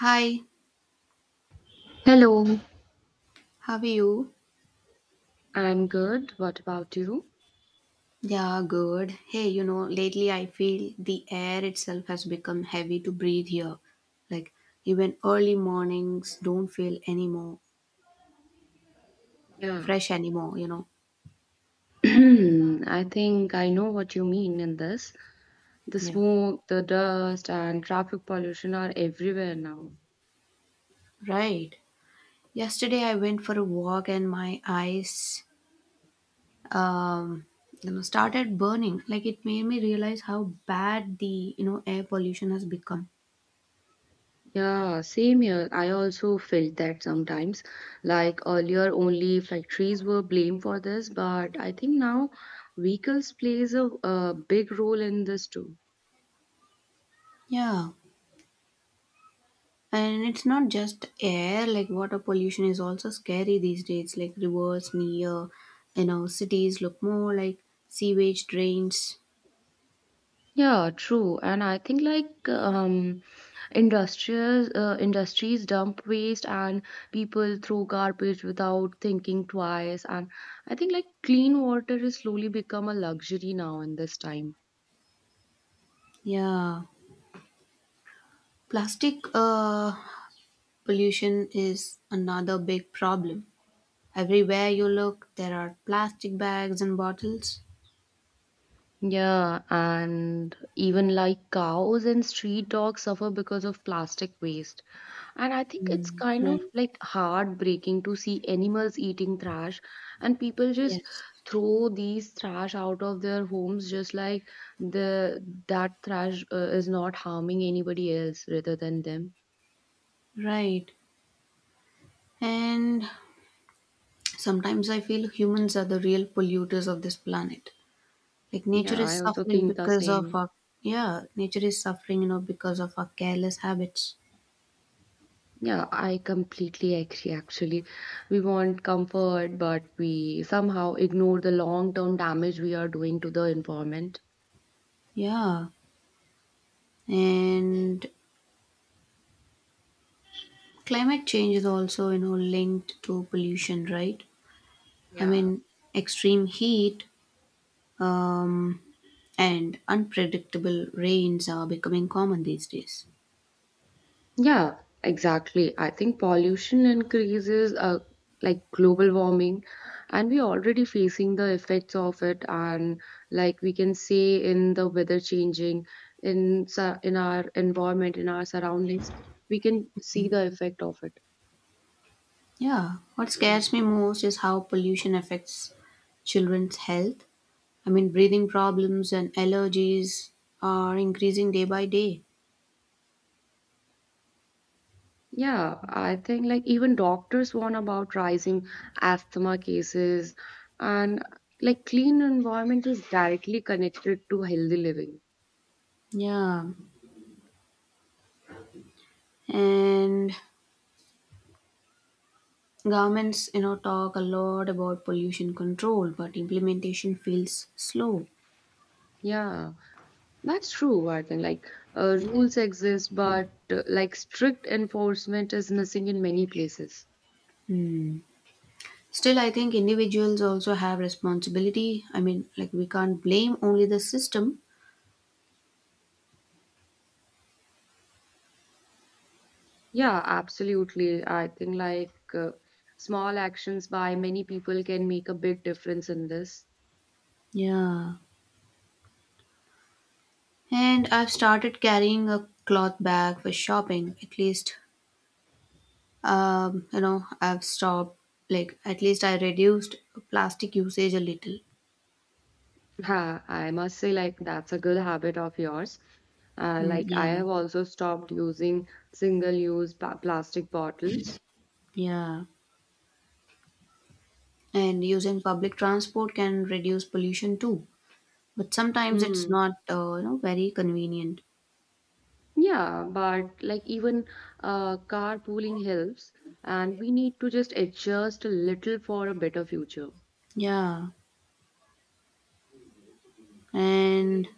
Hi, Hello, how are you? I'm good. What about you? Yeah, good. Hey, you know, lately I feel the air itself has become heavy to breathe here. Like, even early mornings don't feel anymore Yeah. fresh anymore, you know. I think I know what you mean in this. The Yeah. smoke, the dust, and traffic pollution are everywhere now. Right. Yesterday I went for a walk and my eyes um started burning. Like it made me realize how bad the air pollution has become. Yeah, same here. I also felt that sometimes. Like earlier, only factories were blamed for this, but I think now vehicles plays a big role in this too. Yeah. And it's not just air, like water pollution is also scary these days. Like rivers near, you know, cities look more like sewage drains. Yeah, true. And I think like industrial industries dump waste and people throw garbage without thinking twice. And I think like clean water is slowly become a luxury now in this time. Yeah. Plastic pollution is another big problem. Everywhere you look, there are plastic bags and bottles. Yeah, and even like cows and street dogs suffer because of plastic waste. And I think it's Mm, kind right. of like heartbreaking to see animals eating trash and people just Yes. throw these trash out of their homes just like the that trash is not harming anybody else rather than them. Right. And sometimes I feel humans are the real polluters of this planet. Like nature Yeah, is I also suffering think the because of same. our yeah, nature is suffering, you know, because of our careless habits. Yeah, I completely agree. Actually, we want comfort, but we somehow ignore the long term damage we are doing to the environment. Yeah. And climate change is also, you know, linked to pollution, right? I Yeah. mean, extreme heat um, and unpredictable rains are becoming common these days. Yeah, exactly. I think pollution increases, like global warming, and we're already facing the effects of it. And like we can say in the weather changing, in our environment, in our surroundings, we can see the effect of it. Yeah. What scares me most is how pollution affects children's health. I mean, breathing problems and allergies are increasing day by day. Yeah, I think like even doctors warn about rising asthma cases and like clean environment is directly connected to healthy living. Yeah. And governments, you know, talk a lot about pollution control, but implementation feels slow. Yeah, that's true. I think like rules exist, but like strict enforcement is missing in many places. Still, I think individuals also have responsibility. I mean, like, we can't blame only the system. Yeah, absolutely. I think like small actions by many people can make a big difference in this. Yeah, and I've started carrying a cloth bag for shopping. At least, I've stopped, like, at least I reduced plastic usage a little. Ha, I must say, like, that's a good habit of yours. Mm, Like, I yeah. have also stopped using plastic bottles. Yeah, and using public transport can reduce pollution too, but sometimes it's Hmm. not you know, very convenient. Yeah, but like, even carpooling helps, and we need to just adjust a little for a better future. Yeah. And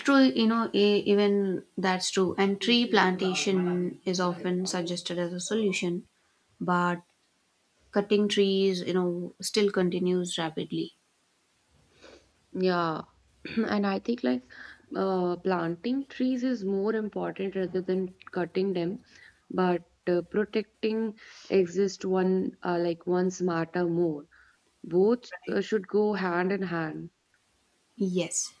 true, you know, even that's true. And tree plantation is often suggested as a solution, but cutting trees, you know, still continues rapidly. Yeah, and I think like planting trees is more important rather than cutting them, but protecting exists one like one smarter more. Both Right. should go hand in hand. Yes.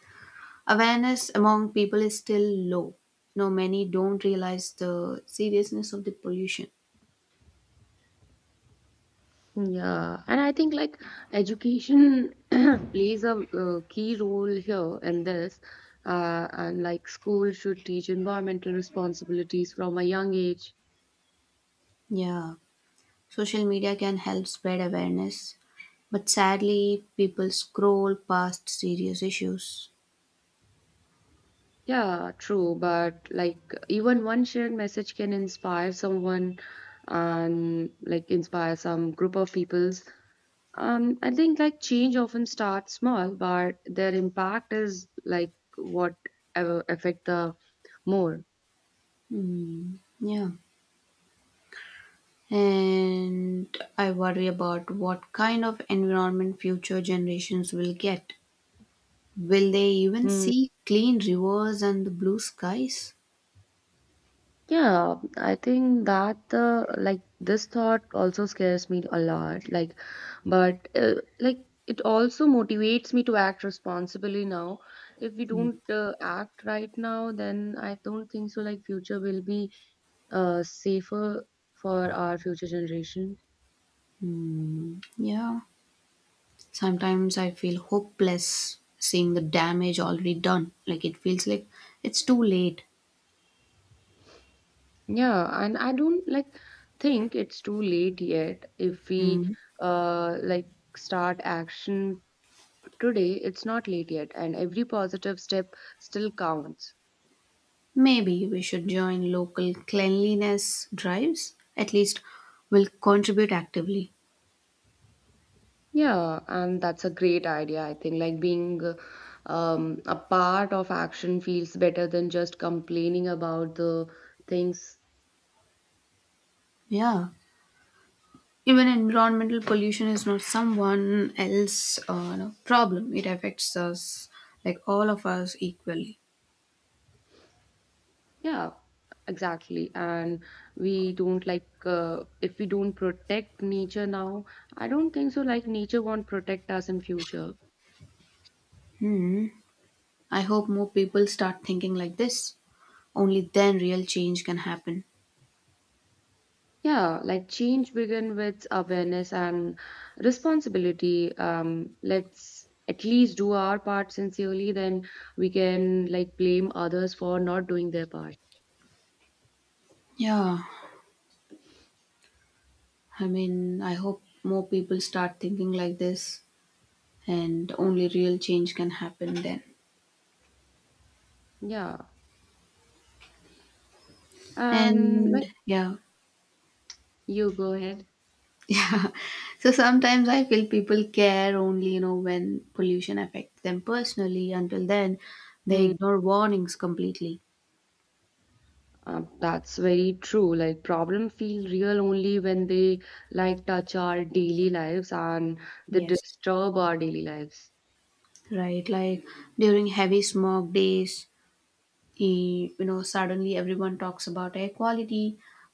Awareness among people is still low. You know, many don't realize the seriousness of the pollution. Yeah, and I think like education plays a key role here in this. And like school should teach environmental responsibilities from a young age. Yeah. Social media can help spread awareness, but sadly, people scroll past serious issues. Yeah, true. But like even one shared message can inspire someone and like inspire some group of peoples. I think like change often starts small, but their impact is like what affect the more. Hmm. Yeah. And I worry about what kind of environment future generations will get. Will they even Hmm. see clean rivers and the blue skies? Yeah, I think that the like this thought also scares me a lot. Like, but like it also motivates me to act responsibly now. If we Hmm. don't act right now, then I don't think so. Like future will be safer for our future generation. Yeah. Sometimes I feel hopeless seeing the damage already done. Like it feels like it's too late. Yeah, and I don't like think it's too late yet. If we Hmm. uh like start action today, it's not late yet, and every positive step still counts. Maybe we should join local cleanliness drives. At least we'll contribute actively. Yeah, and that's a great idea, I think. Like being a part of action feels better than just complaining about the things. Yeah. Even environmental pollution is not someone else's no, problem. It affects us, like all of us, equally. Yeah, exactly. And we don't like if we don't protect nature now, I don't think so like nature won't protect us in future. Hmm. I hope more people start thinking like this. Only then real change can happen. Yeah, like change begin with awareness and responsibility. Let's at least do our part sincerely, then we can like blame others for not doing their part. Yeah. I mean, I hope more people start thinking like this, and only real change can happen then. Yeah. And like And yeah. you go ahead. Yeah. So sometimes I feel people care only, you know, when pollution affects them personally. Until then, they Hmm. ignore warnings completely. That's very true. Like problem feel real only when they like touch our daily lives and they Yes. disturb our daily lives. Right? Like during heavy smog days, you know, suddenly everyone talks about air quality,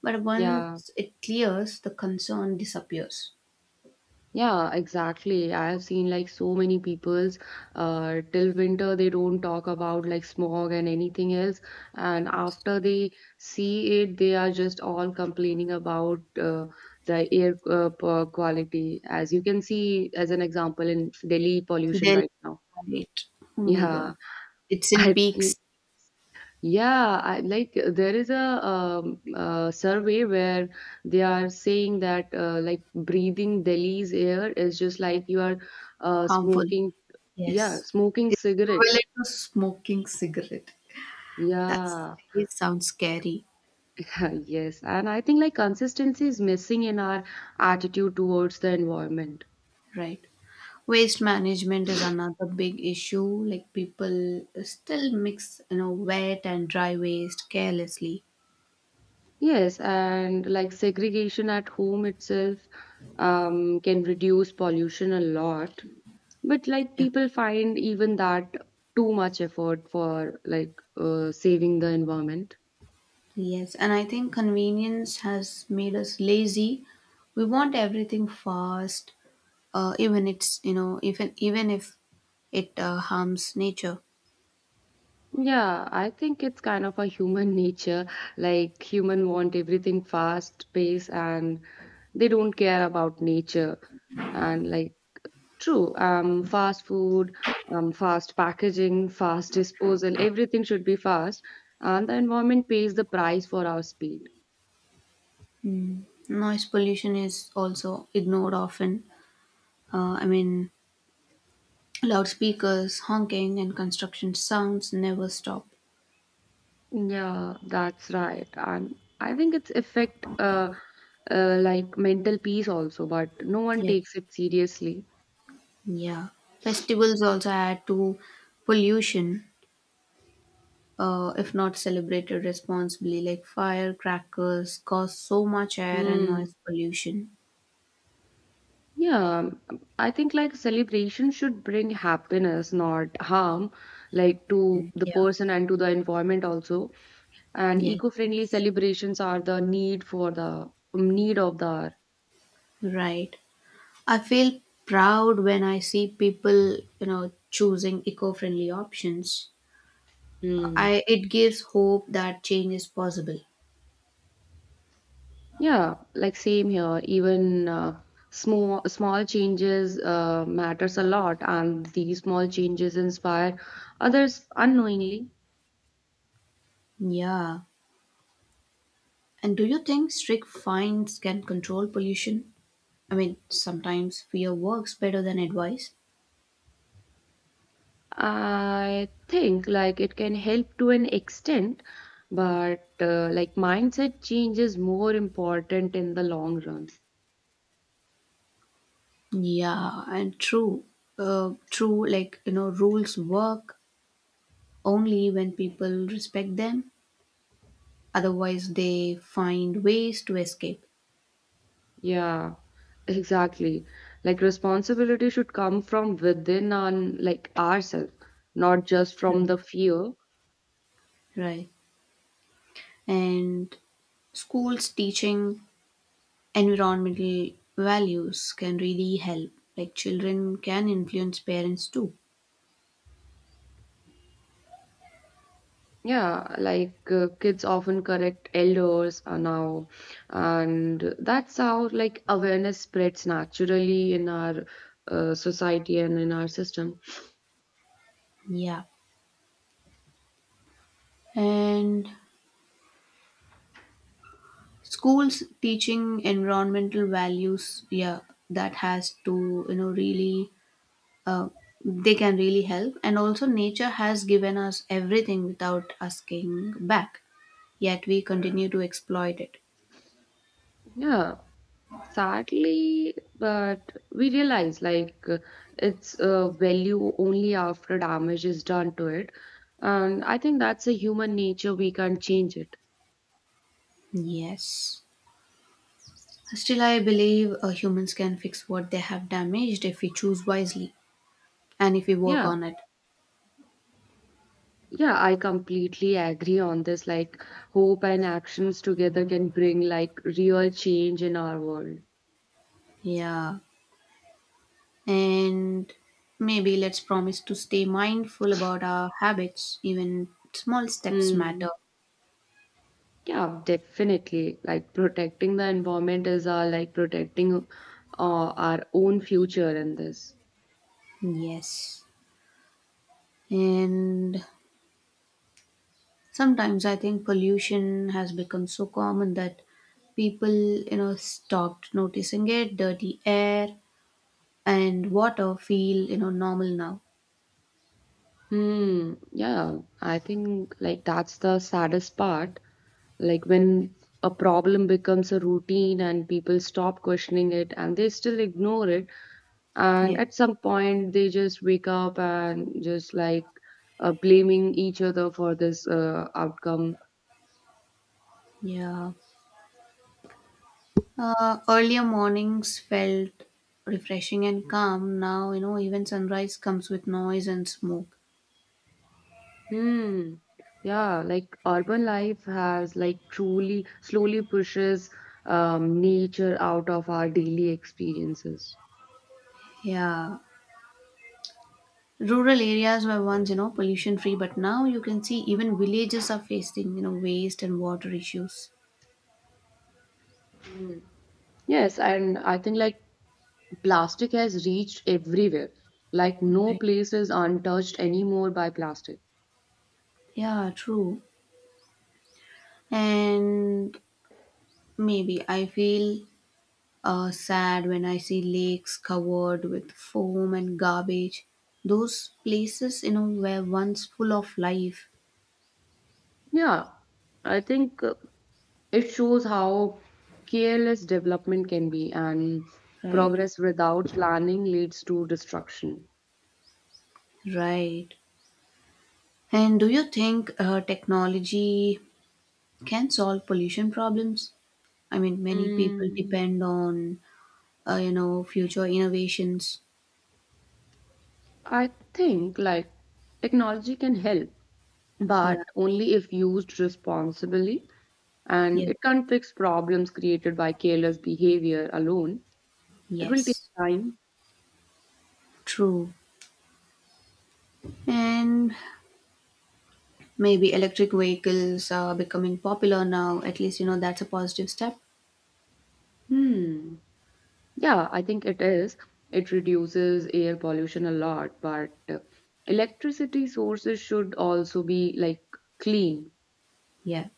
but Yeah, once it clears, the concern disappears. yeah, exactly. I have seen like so many people's till winter they don't talk about like smog and anything else, and after they see it, they are just all complaining about the air quality. As you can see, as an example in Delhi pollution They'll right now. it. Oh my Yeah, god. It's in I think. peaks, Yeah, like there is a survey where they are saying that like breathing Delhi's air is just like you are harmful. smoking, yeah, Yes. smoking It's cigarettes. equivalent to smoking cigarette. That's Yeah, it sounds scary, yes, and I think like consistency is missing in our attitude towards the environment. right? Waste management is another big issue. Like people still mix, you know, wet and dry waste carelessly. Yes, and like segregation at home itself can reduce pollution a lot. But like Yeah. people find even that too much effort for like saving the environment. Yes, and I think convenience has made us lazy. We want everything fast, even it's, you know, even if it harms nature. Yeah, I think it's kind of a human nature. Like human want everything fast pace and they don't care about nature. And like true, fast food, fast packaging, fast disposal, everything should be fast. And the environment pays the price for our speed. Noise pollution is also ignored often. I mean, loudspeakers, honking, and construction sounds never stop. Yeah, that's right. And I think it's affect like mental peace also, but no one takes Yes. it seriously. Yeah. Festivals also add to pollution, if not celebrated responsibly, like firecrackers cause so much air and Hmm. noise pollution. Yeah, I think like celebration should bring happiness, not harm, like to the Yeah. person and to the environment also. And Yes. eco-friendly celebrations are the need of the hour. Right. I feel proud when I see people, you know, choosing eco-friendly options. Hmm. I it gives hope that change is possible. Yeah, like same here. Even small small changes matters a lot, and these small changes inspire others unknowingly. Yeah. And do you think strict fines can control pollution? I mean, sometimes fear works better than advice. I think like it can help to an extent, but like mindset change is more important in the long run. Yeah, and true. True, like, you know, rules work only when people respect them. Otherwise, they find ways to escape. Yeah, exactly. Like responsibility should come from within and like ourselves, not just Right. from the fear. Right. And schools teaching environmental values can really help. Like, children can influence parents too. Yeah, like kids often correct elders now, and that's how like awareness spreads naturally in our society and in our system. Yeah. And schools teaching environmental values, yeah, that has to, you know, really uh, they can really help. And also, nature has given us everything without asking back, yet we continue to exploit it. Yeah, sadly, but we realize like it's value only after damage is done to it, and I think that's a human nature. We can't change it. Yes. Still, I believe humans can fix what they have damaged if we choose wisely and if we work Yeah. on it. Yeah, I completely agree on this. Like, hope and actions together can bring like real change in our world. Yeah. And maybe let's promise to stay mindful about our habits. Even small steps matter. Hmm. Yeah, definitely. Like, protecting the environment is our like protecting our own future in this. Yes. And sometimes I think pollution has become so common that people, you know, stopped noticing it. Dirty air and water feel, you know, normal now. Hmm. Yeah, I think like that's the saddest part. Like, when a problem becomes a routine and people stop questioning it and they still ignore it, and Yes. at some point they just wake up and just like blaming each other for this outcome. Yeah. Earlier mornings felt refreshing and calm. Now, you know, even sunrise comes with noise and smoke. Hmm, yeah, like urban life has like truly slowly pushes nature out of our daily experiences. Yeah. Rural areas were once, you know, pollution free, but now you can see even villages are facing, you know, waste and water issues. Yes, and I think like plastic has reached everywhere, like no Right. place is untouched anymore by plastic. Yeah, true. And maybe I feel sad when I see lakes covered with foam and garbage. Those places, you know, were once full of life, Yeah, I think it shows how careless development can be, and right? progress without planning leads to destruction. Right. And do you think technology can solve pollution problems? I mean, many people Mm, depend on, you know, future innovations. I think like technology can help, but Yeah, only if used responsibly, and yeah, it can't fix problems created by careless behavior alone. It will take yes, time. true. And maybe electric vehicles are becoming popular now. At least, you know, that's a positive step. Hmm. Yeah, I think it is. It reduces air pollution a lot, but electricity sources should also be like clean. Yeah.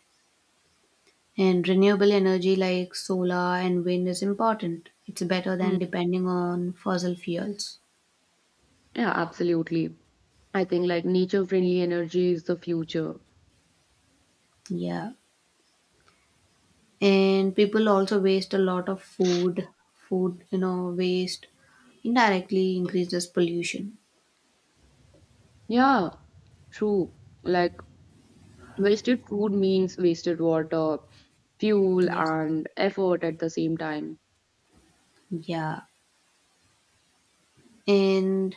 And renewable energy like solar and wind is important. It's better Mm. than depending on fossil fuels. Yeah, absolutely. I think like nature friendly energy is the future. Yeah. And people also waste a lot of food. Food, you know, waste indirectly increases pollution. Yeah, true. Like wasted food means wasted water, fuel, Yes. and effort at the same time. Yeah. And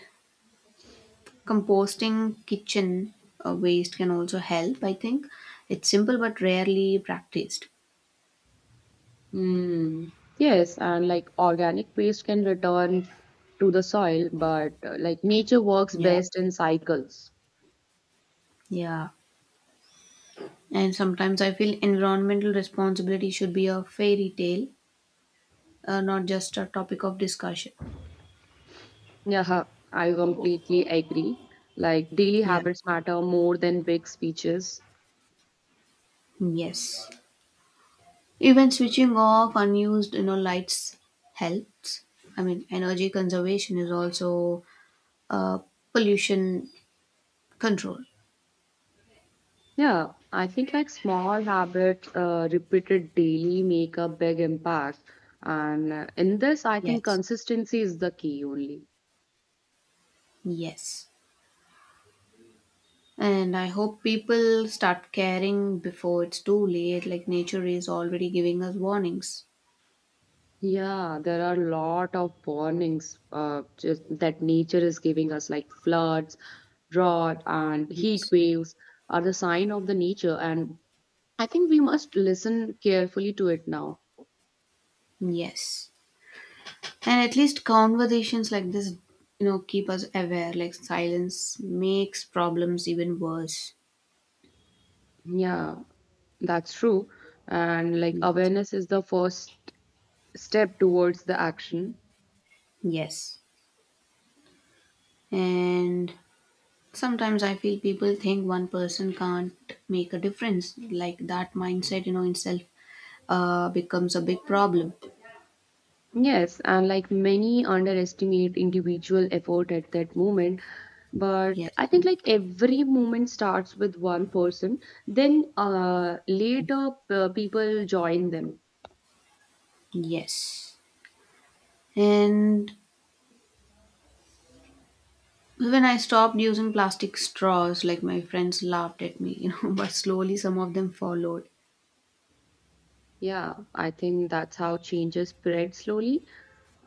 composting kitchen waste can also help, I think. It's simple but rarely practiced. Mm, yes, and like organic waste can return to the soil, but like nature works Yeah. best in cycles. Yeah. And sometimes I feel environmental responsibility should be a fairy tale, not just a topic of discussion. Yeah, I completely agree. Like daily Yeah. habits matter more than big speeches. Yes. Even switching off unused, you know, lights helps. I mean, energy conservation is also uh, pollution control. Yeah, I think like small habits repeated daily make a big impact. And in this, I think Yes. consistency is the key only. Yes. And I hope people start caring before it's too late. Like nature is already giving us warnings. Yeah, there are a lot of warnings just that nature is giving us, like floods, drought, and heat Yes. waves are the sign of the nature. And I think we must listen carefully to it now. Yes. And at least conversations like this, you know, keep us aware. Like silence makes problems even worse. Yeah, that's true. And like Yes. awareness is the first step towards the action. Yes. And sometimes I feel people think one person can't make a difference. Like that mindset, you know, in self becomes a big problem. Yes, and like many underestimate individual effort at that moment. But I Yes. think like every moment starts with one person, then later people join them. Yes. And when I stopped using plastic straws, like my friends laughed at me, you know, but slowly some of them followed. Yeah, I think that's how changes spread slowly.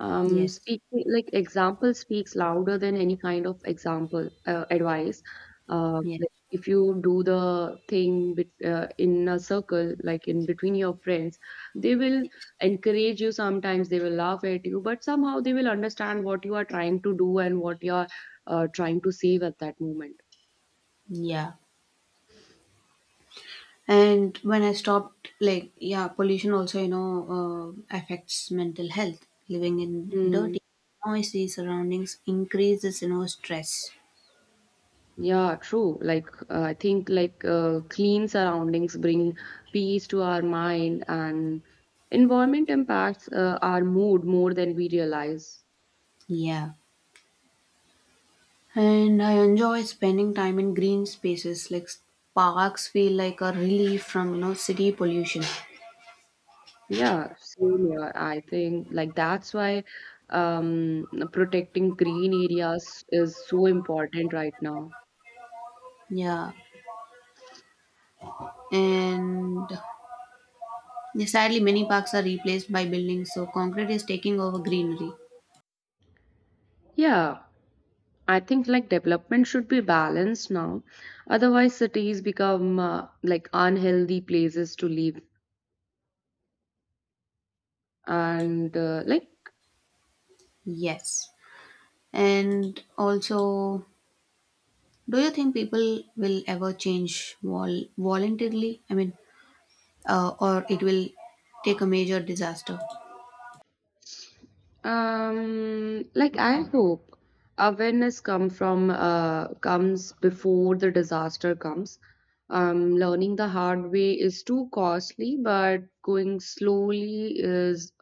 Yes. Speaking like example speaks louder than any kind of example advice. Yes. Like if you do the thing in a circle like in between your friends, they will Yes. encourage you, sometimes they will laugh at you, but somehow they will understand what you are trying to do and what you are trying to save at that moment. Yeah. And when I stopped, like, yeah, pollution also, you know, affects mental health. Living in Hmm. dirty, noisy surroundings increases, you know, stress. Yeah, true. Like, I think like clean surroundings bring peace to our mind, and environment impacts our mood more than we realize. Yeah. And I enjoy spending time in green spaces. Like, parks feel like a relief from, you know, city pollution. Yeah, same here. I think like that's why protecting green areas is so important right now. Yeah. And yeah, sadly, many parks are replaced by buildings, so concrete is taking over greenery. Yeah, I think like development should be balanced now. Otherwise, cities become like unhealthy places to live. And like Yes. And also, do you think people will ever change voluntarily? I mean, or it will take a major disaster? um, like I hope awareness come from comes before the disaster comes. Learning the hard way is too costly, but going slowly is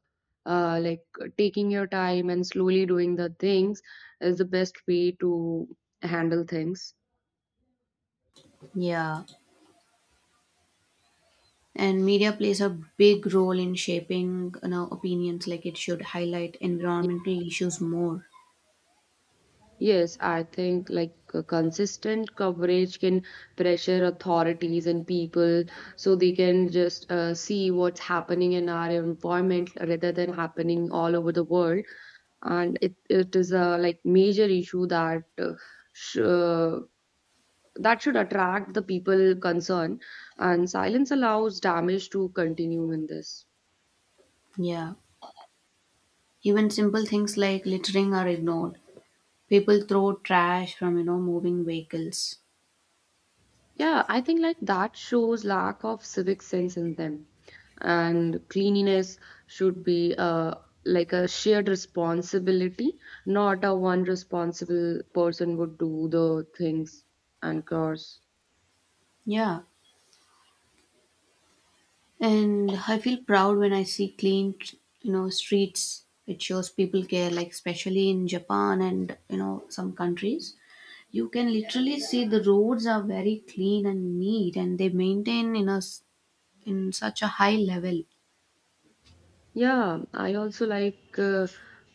uh, like taking your time and slowly doing the things is the best way to handle things. Yeah, and media plays a big role in shaping, you know, opinions. Like it should highlight environmental issues more. Yes, I think like consistent coverage can pressure authorities and people so they can just see what's happening in our environment rather than happening all over the world. And it is a like major issue that sh that should attract the people concerned. And silence allows damage to continue in this. Yeah, even simple things like littering are ignored. People throw trash from, you know, moving vehicles. Yeah, I think like that shows lack of civic sense in them. And cleanliness should be like a shared responsibility, not a one responsible person would do the things and chores. Yeah. And I feel proud when I see clean, you know, streets. It shows people care, like especially in Japan and, you know, some countries. You can literally see the roads are very clean and neat, and they maintain in in such a high level. Yeah, I also like uh,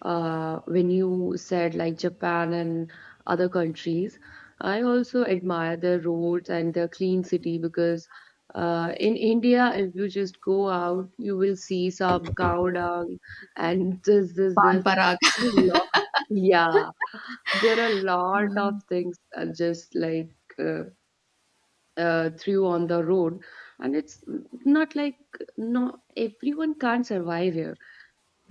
uh, when you said like Japan and other countries. I also admire their roads and their clean city because in India, if you just go out, you will see some cow dung and Pan this. Parag. There's a lot. Yeah, there are a lot of things just like threw on the road, and it's not like no everyone can't survive here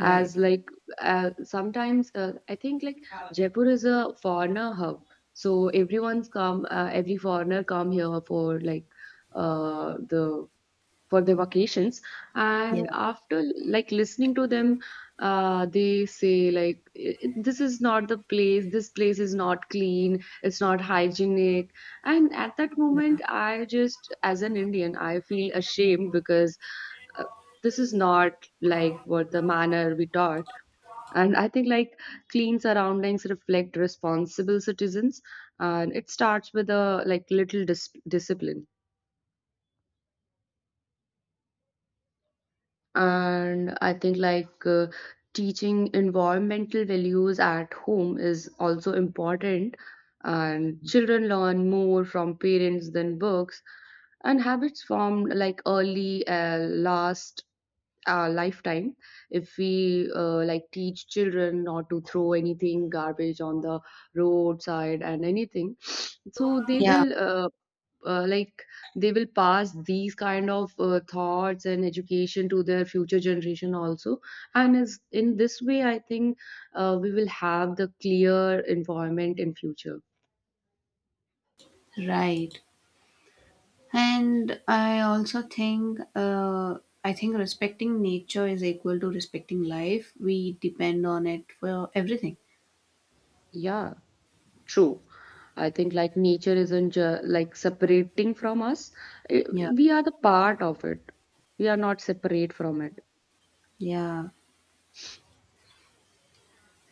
Right. as like sometimes I think like jaipur is a foreigner hub so everyone's come every foreigner come here for like the for their vacations Yeah. and after like listening to them they say like I- this is not the place this place is not clean it's not hygienic and at that Yeah. moment I just as an indian I feel ashamed because uh, this is not like what the manner we taught and I think like clean surroundings reflect responsible citizens and it starts with a like little discipline and I think like teaching environmental values at home is also important and children learn more from parents than books and habits formed like early last lifetime if we like teach children not to throw anything garbage on the roadside and anything so they Yeah. will like they will pass these kind of thoughts and education to their future generation also and is in this way I think we will have the clear environment in future. Right. And I also think, I think respecting nature is equal to respecting life. We depend on it for everything. Yeah, true, I think like nature isn't like separating from us. I- Yeah. we are the part of it, we are not separate from it. Yeah.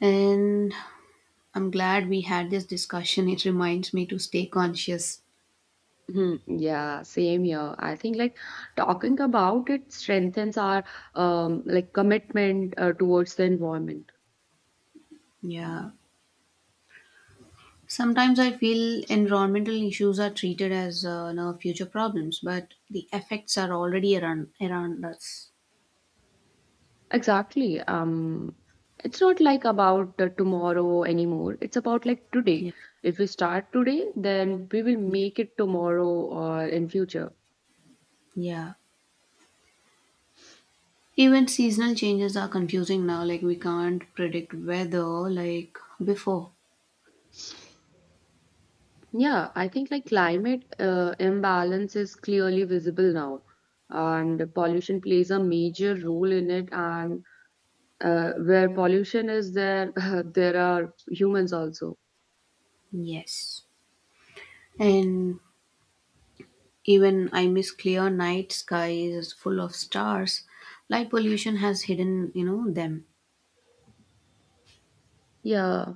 And I'm glad we had this discussion. It reminds me to stay conscious. Hmm, yeah, same here. I think like talking about it strengthens our like commitment towards the environment. Yeah. Sometimes I feel environmental issues are treated as you know, future problems, but the effects are already around us. Exactly. It's not like about the tomorrow anymore. It's about like today. Yeah. If we start today, then we will Yeah. make it tomorrow or in future. Yeah. Even seasonal changes are confusing now. Like, we can't predict weather like before. Yeah, I think like climate imbalance is clearly visible now, and pollution plays a major role in it. And where pollution is there, there are humans also. Yes. And even I miss clear night skies full of stars. Light pollution has hidden, you know, them. Yeah.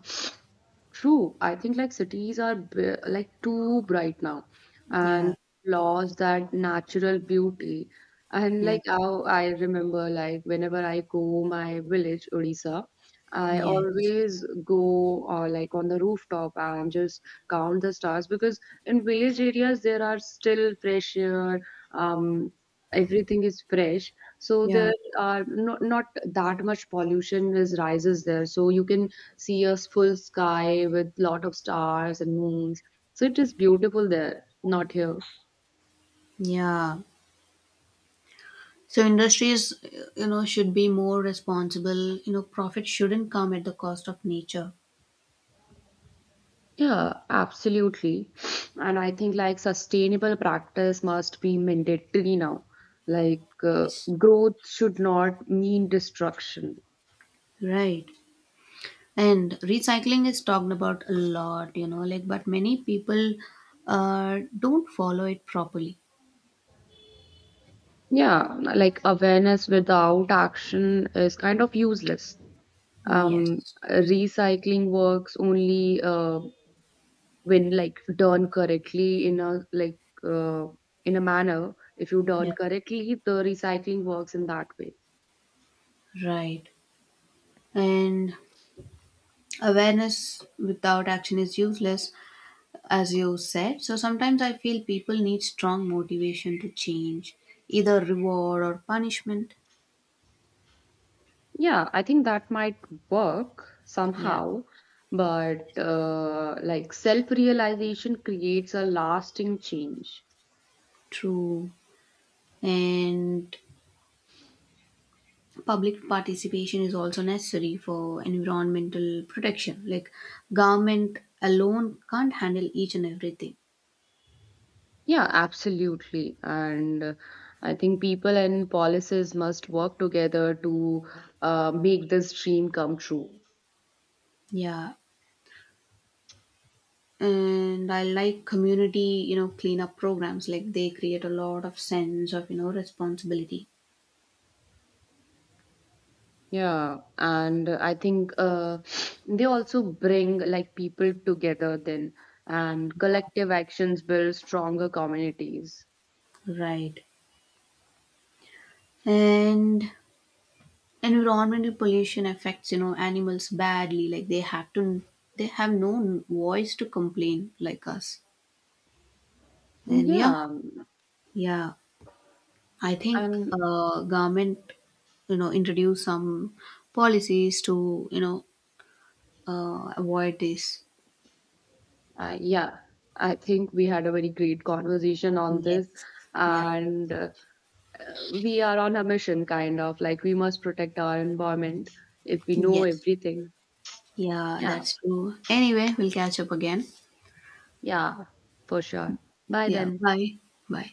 True, I think like cities are like too bright now and Yeah, lost that natural beauty. And yeah, like how I remember, like whenever I go my village, Odisha, I yes, always go like on the rooftop and just count the stars because in village areas there are still fresh air, um, everything is fresh. So yeah, there are not that much pollution is rises there. So you can see a full sky with lot of stars and moons. So it is beautiful there, not here. yeah. So industries, you know, should be more responsible. You know, profit shouldn't come at the cost of nature. Yeah, absolutely. And I think like sustainable practice must be mandatory now. Like Yes, growth should not mean destruction. right. And recycling is talked about a lot, you know, like, but many people don't follow it properly. Yeah, like awareness without action is kind of useless. Yes, Recycling works only when like done correctly in a in a manner if you done yeah, correctly the recycling works in that way. right. And awareness without action is useless, as you said. So sometimes I feel people need strong motivation to change, either reward or punishment. Yeah, I think that might work Yeah. somehow but like self realization creates a lasting change. True. And public participation is also necessary for environmental protection. Like government alone can't handle each and everything. Yeah, absolutely, and I think people and policies must work together to make this dream come true. Yeah. And I like community, you know, cleanup programs. Like they create a lot of sense of, you know, responsibility. Yeah, and I think they also bring like people together then, and collective actions build stronger communities. Right. And environmental pollution affects, you know, animals badly. Like they have to, they have no voice to complain like us. And yeah, Yeah, yeah, I think and government, you know, introduce some policies to, you know, avoid this. uh, yeah, I think we had a very great conversation on this, Yes. Yeah. and we are on a mission, kind of like we must protect our environment if we know Yes. everything. Yeah, Yeah, that's true. Anyway, we'll catch up again. yeah, for sure. Bye Yeah, then. bye. Bye.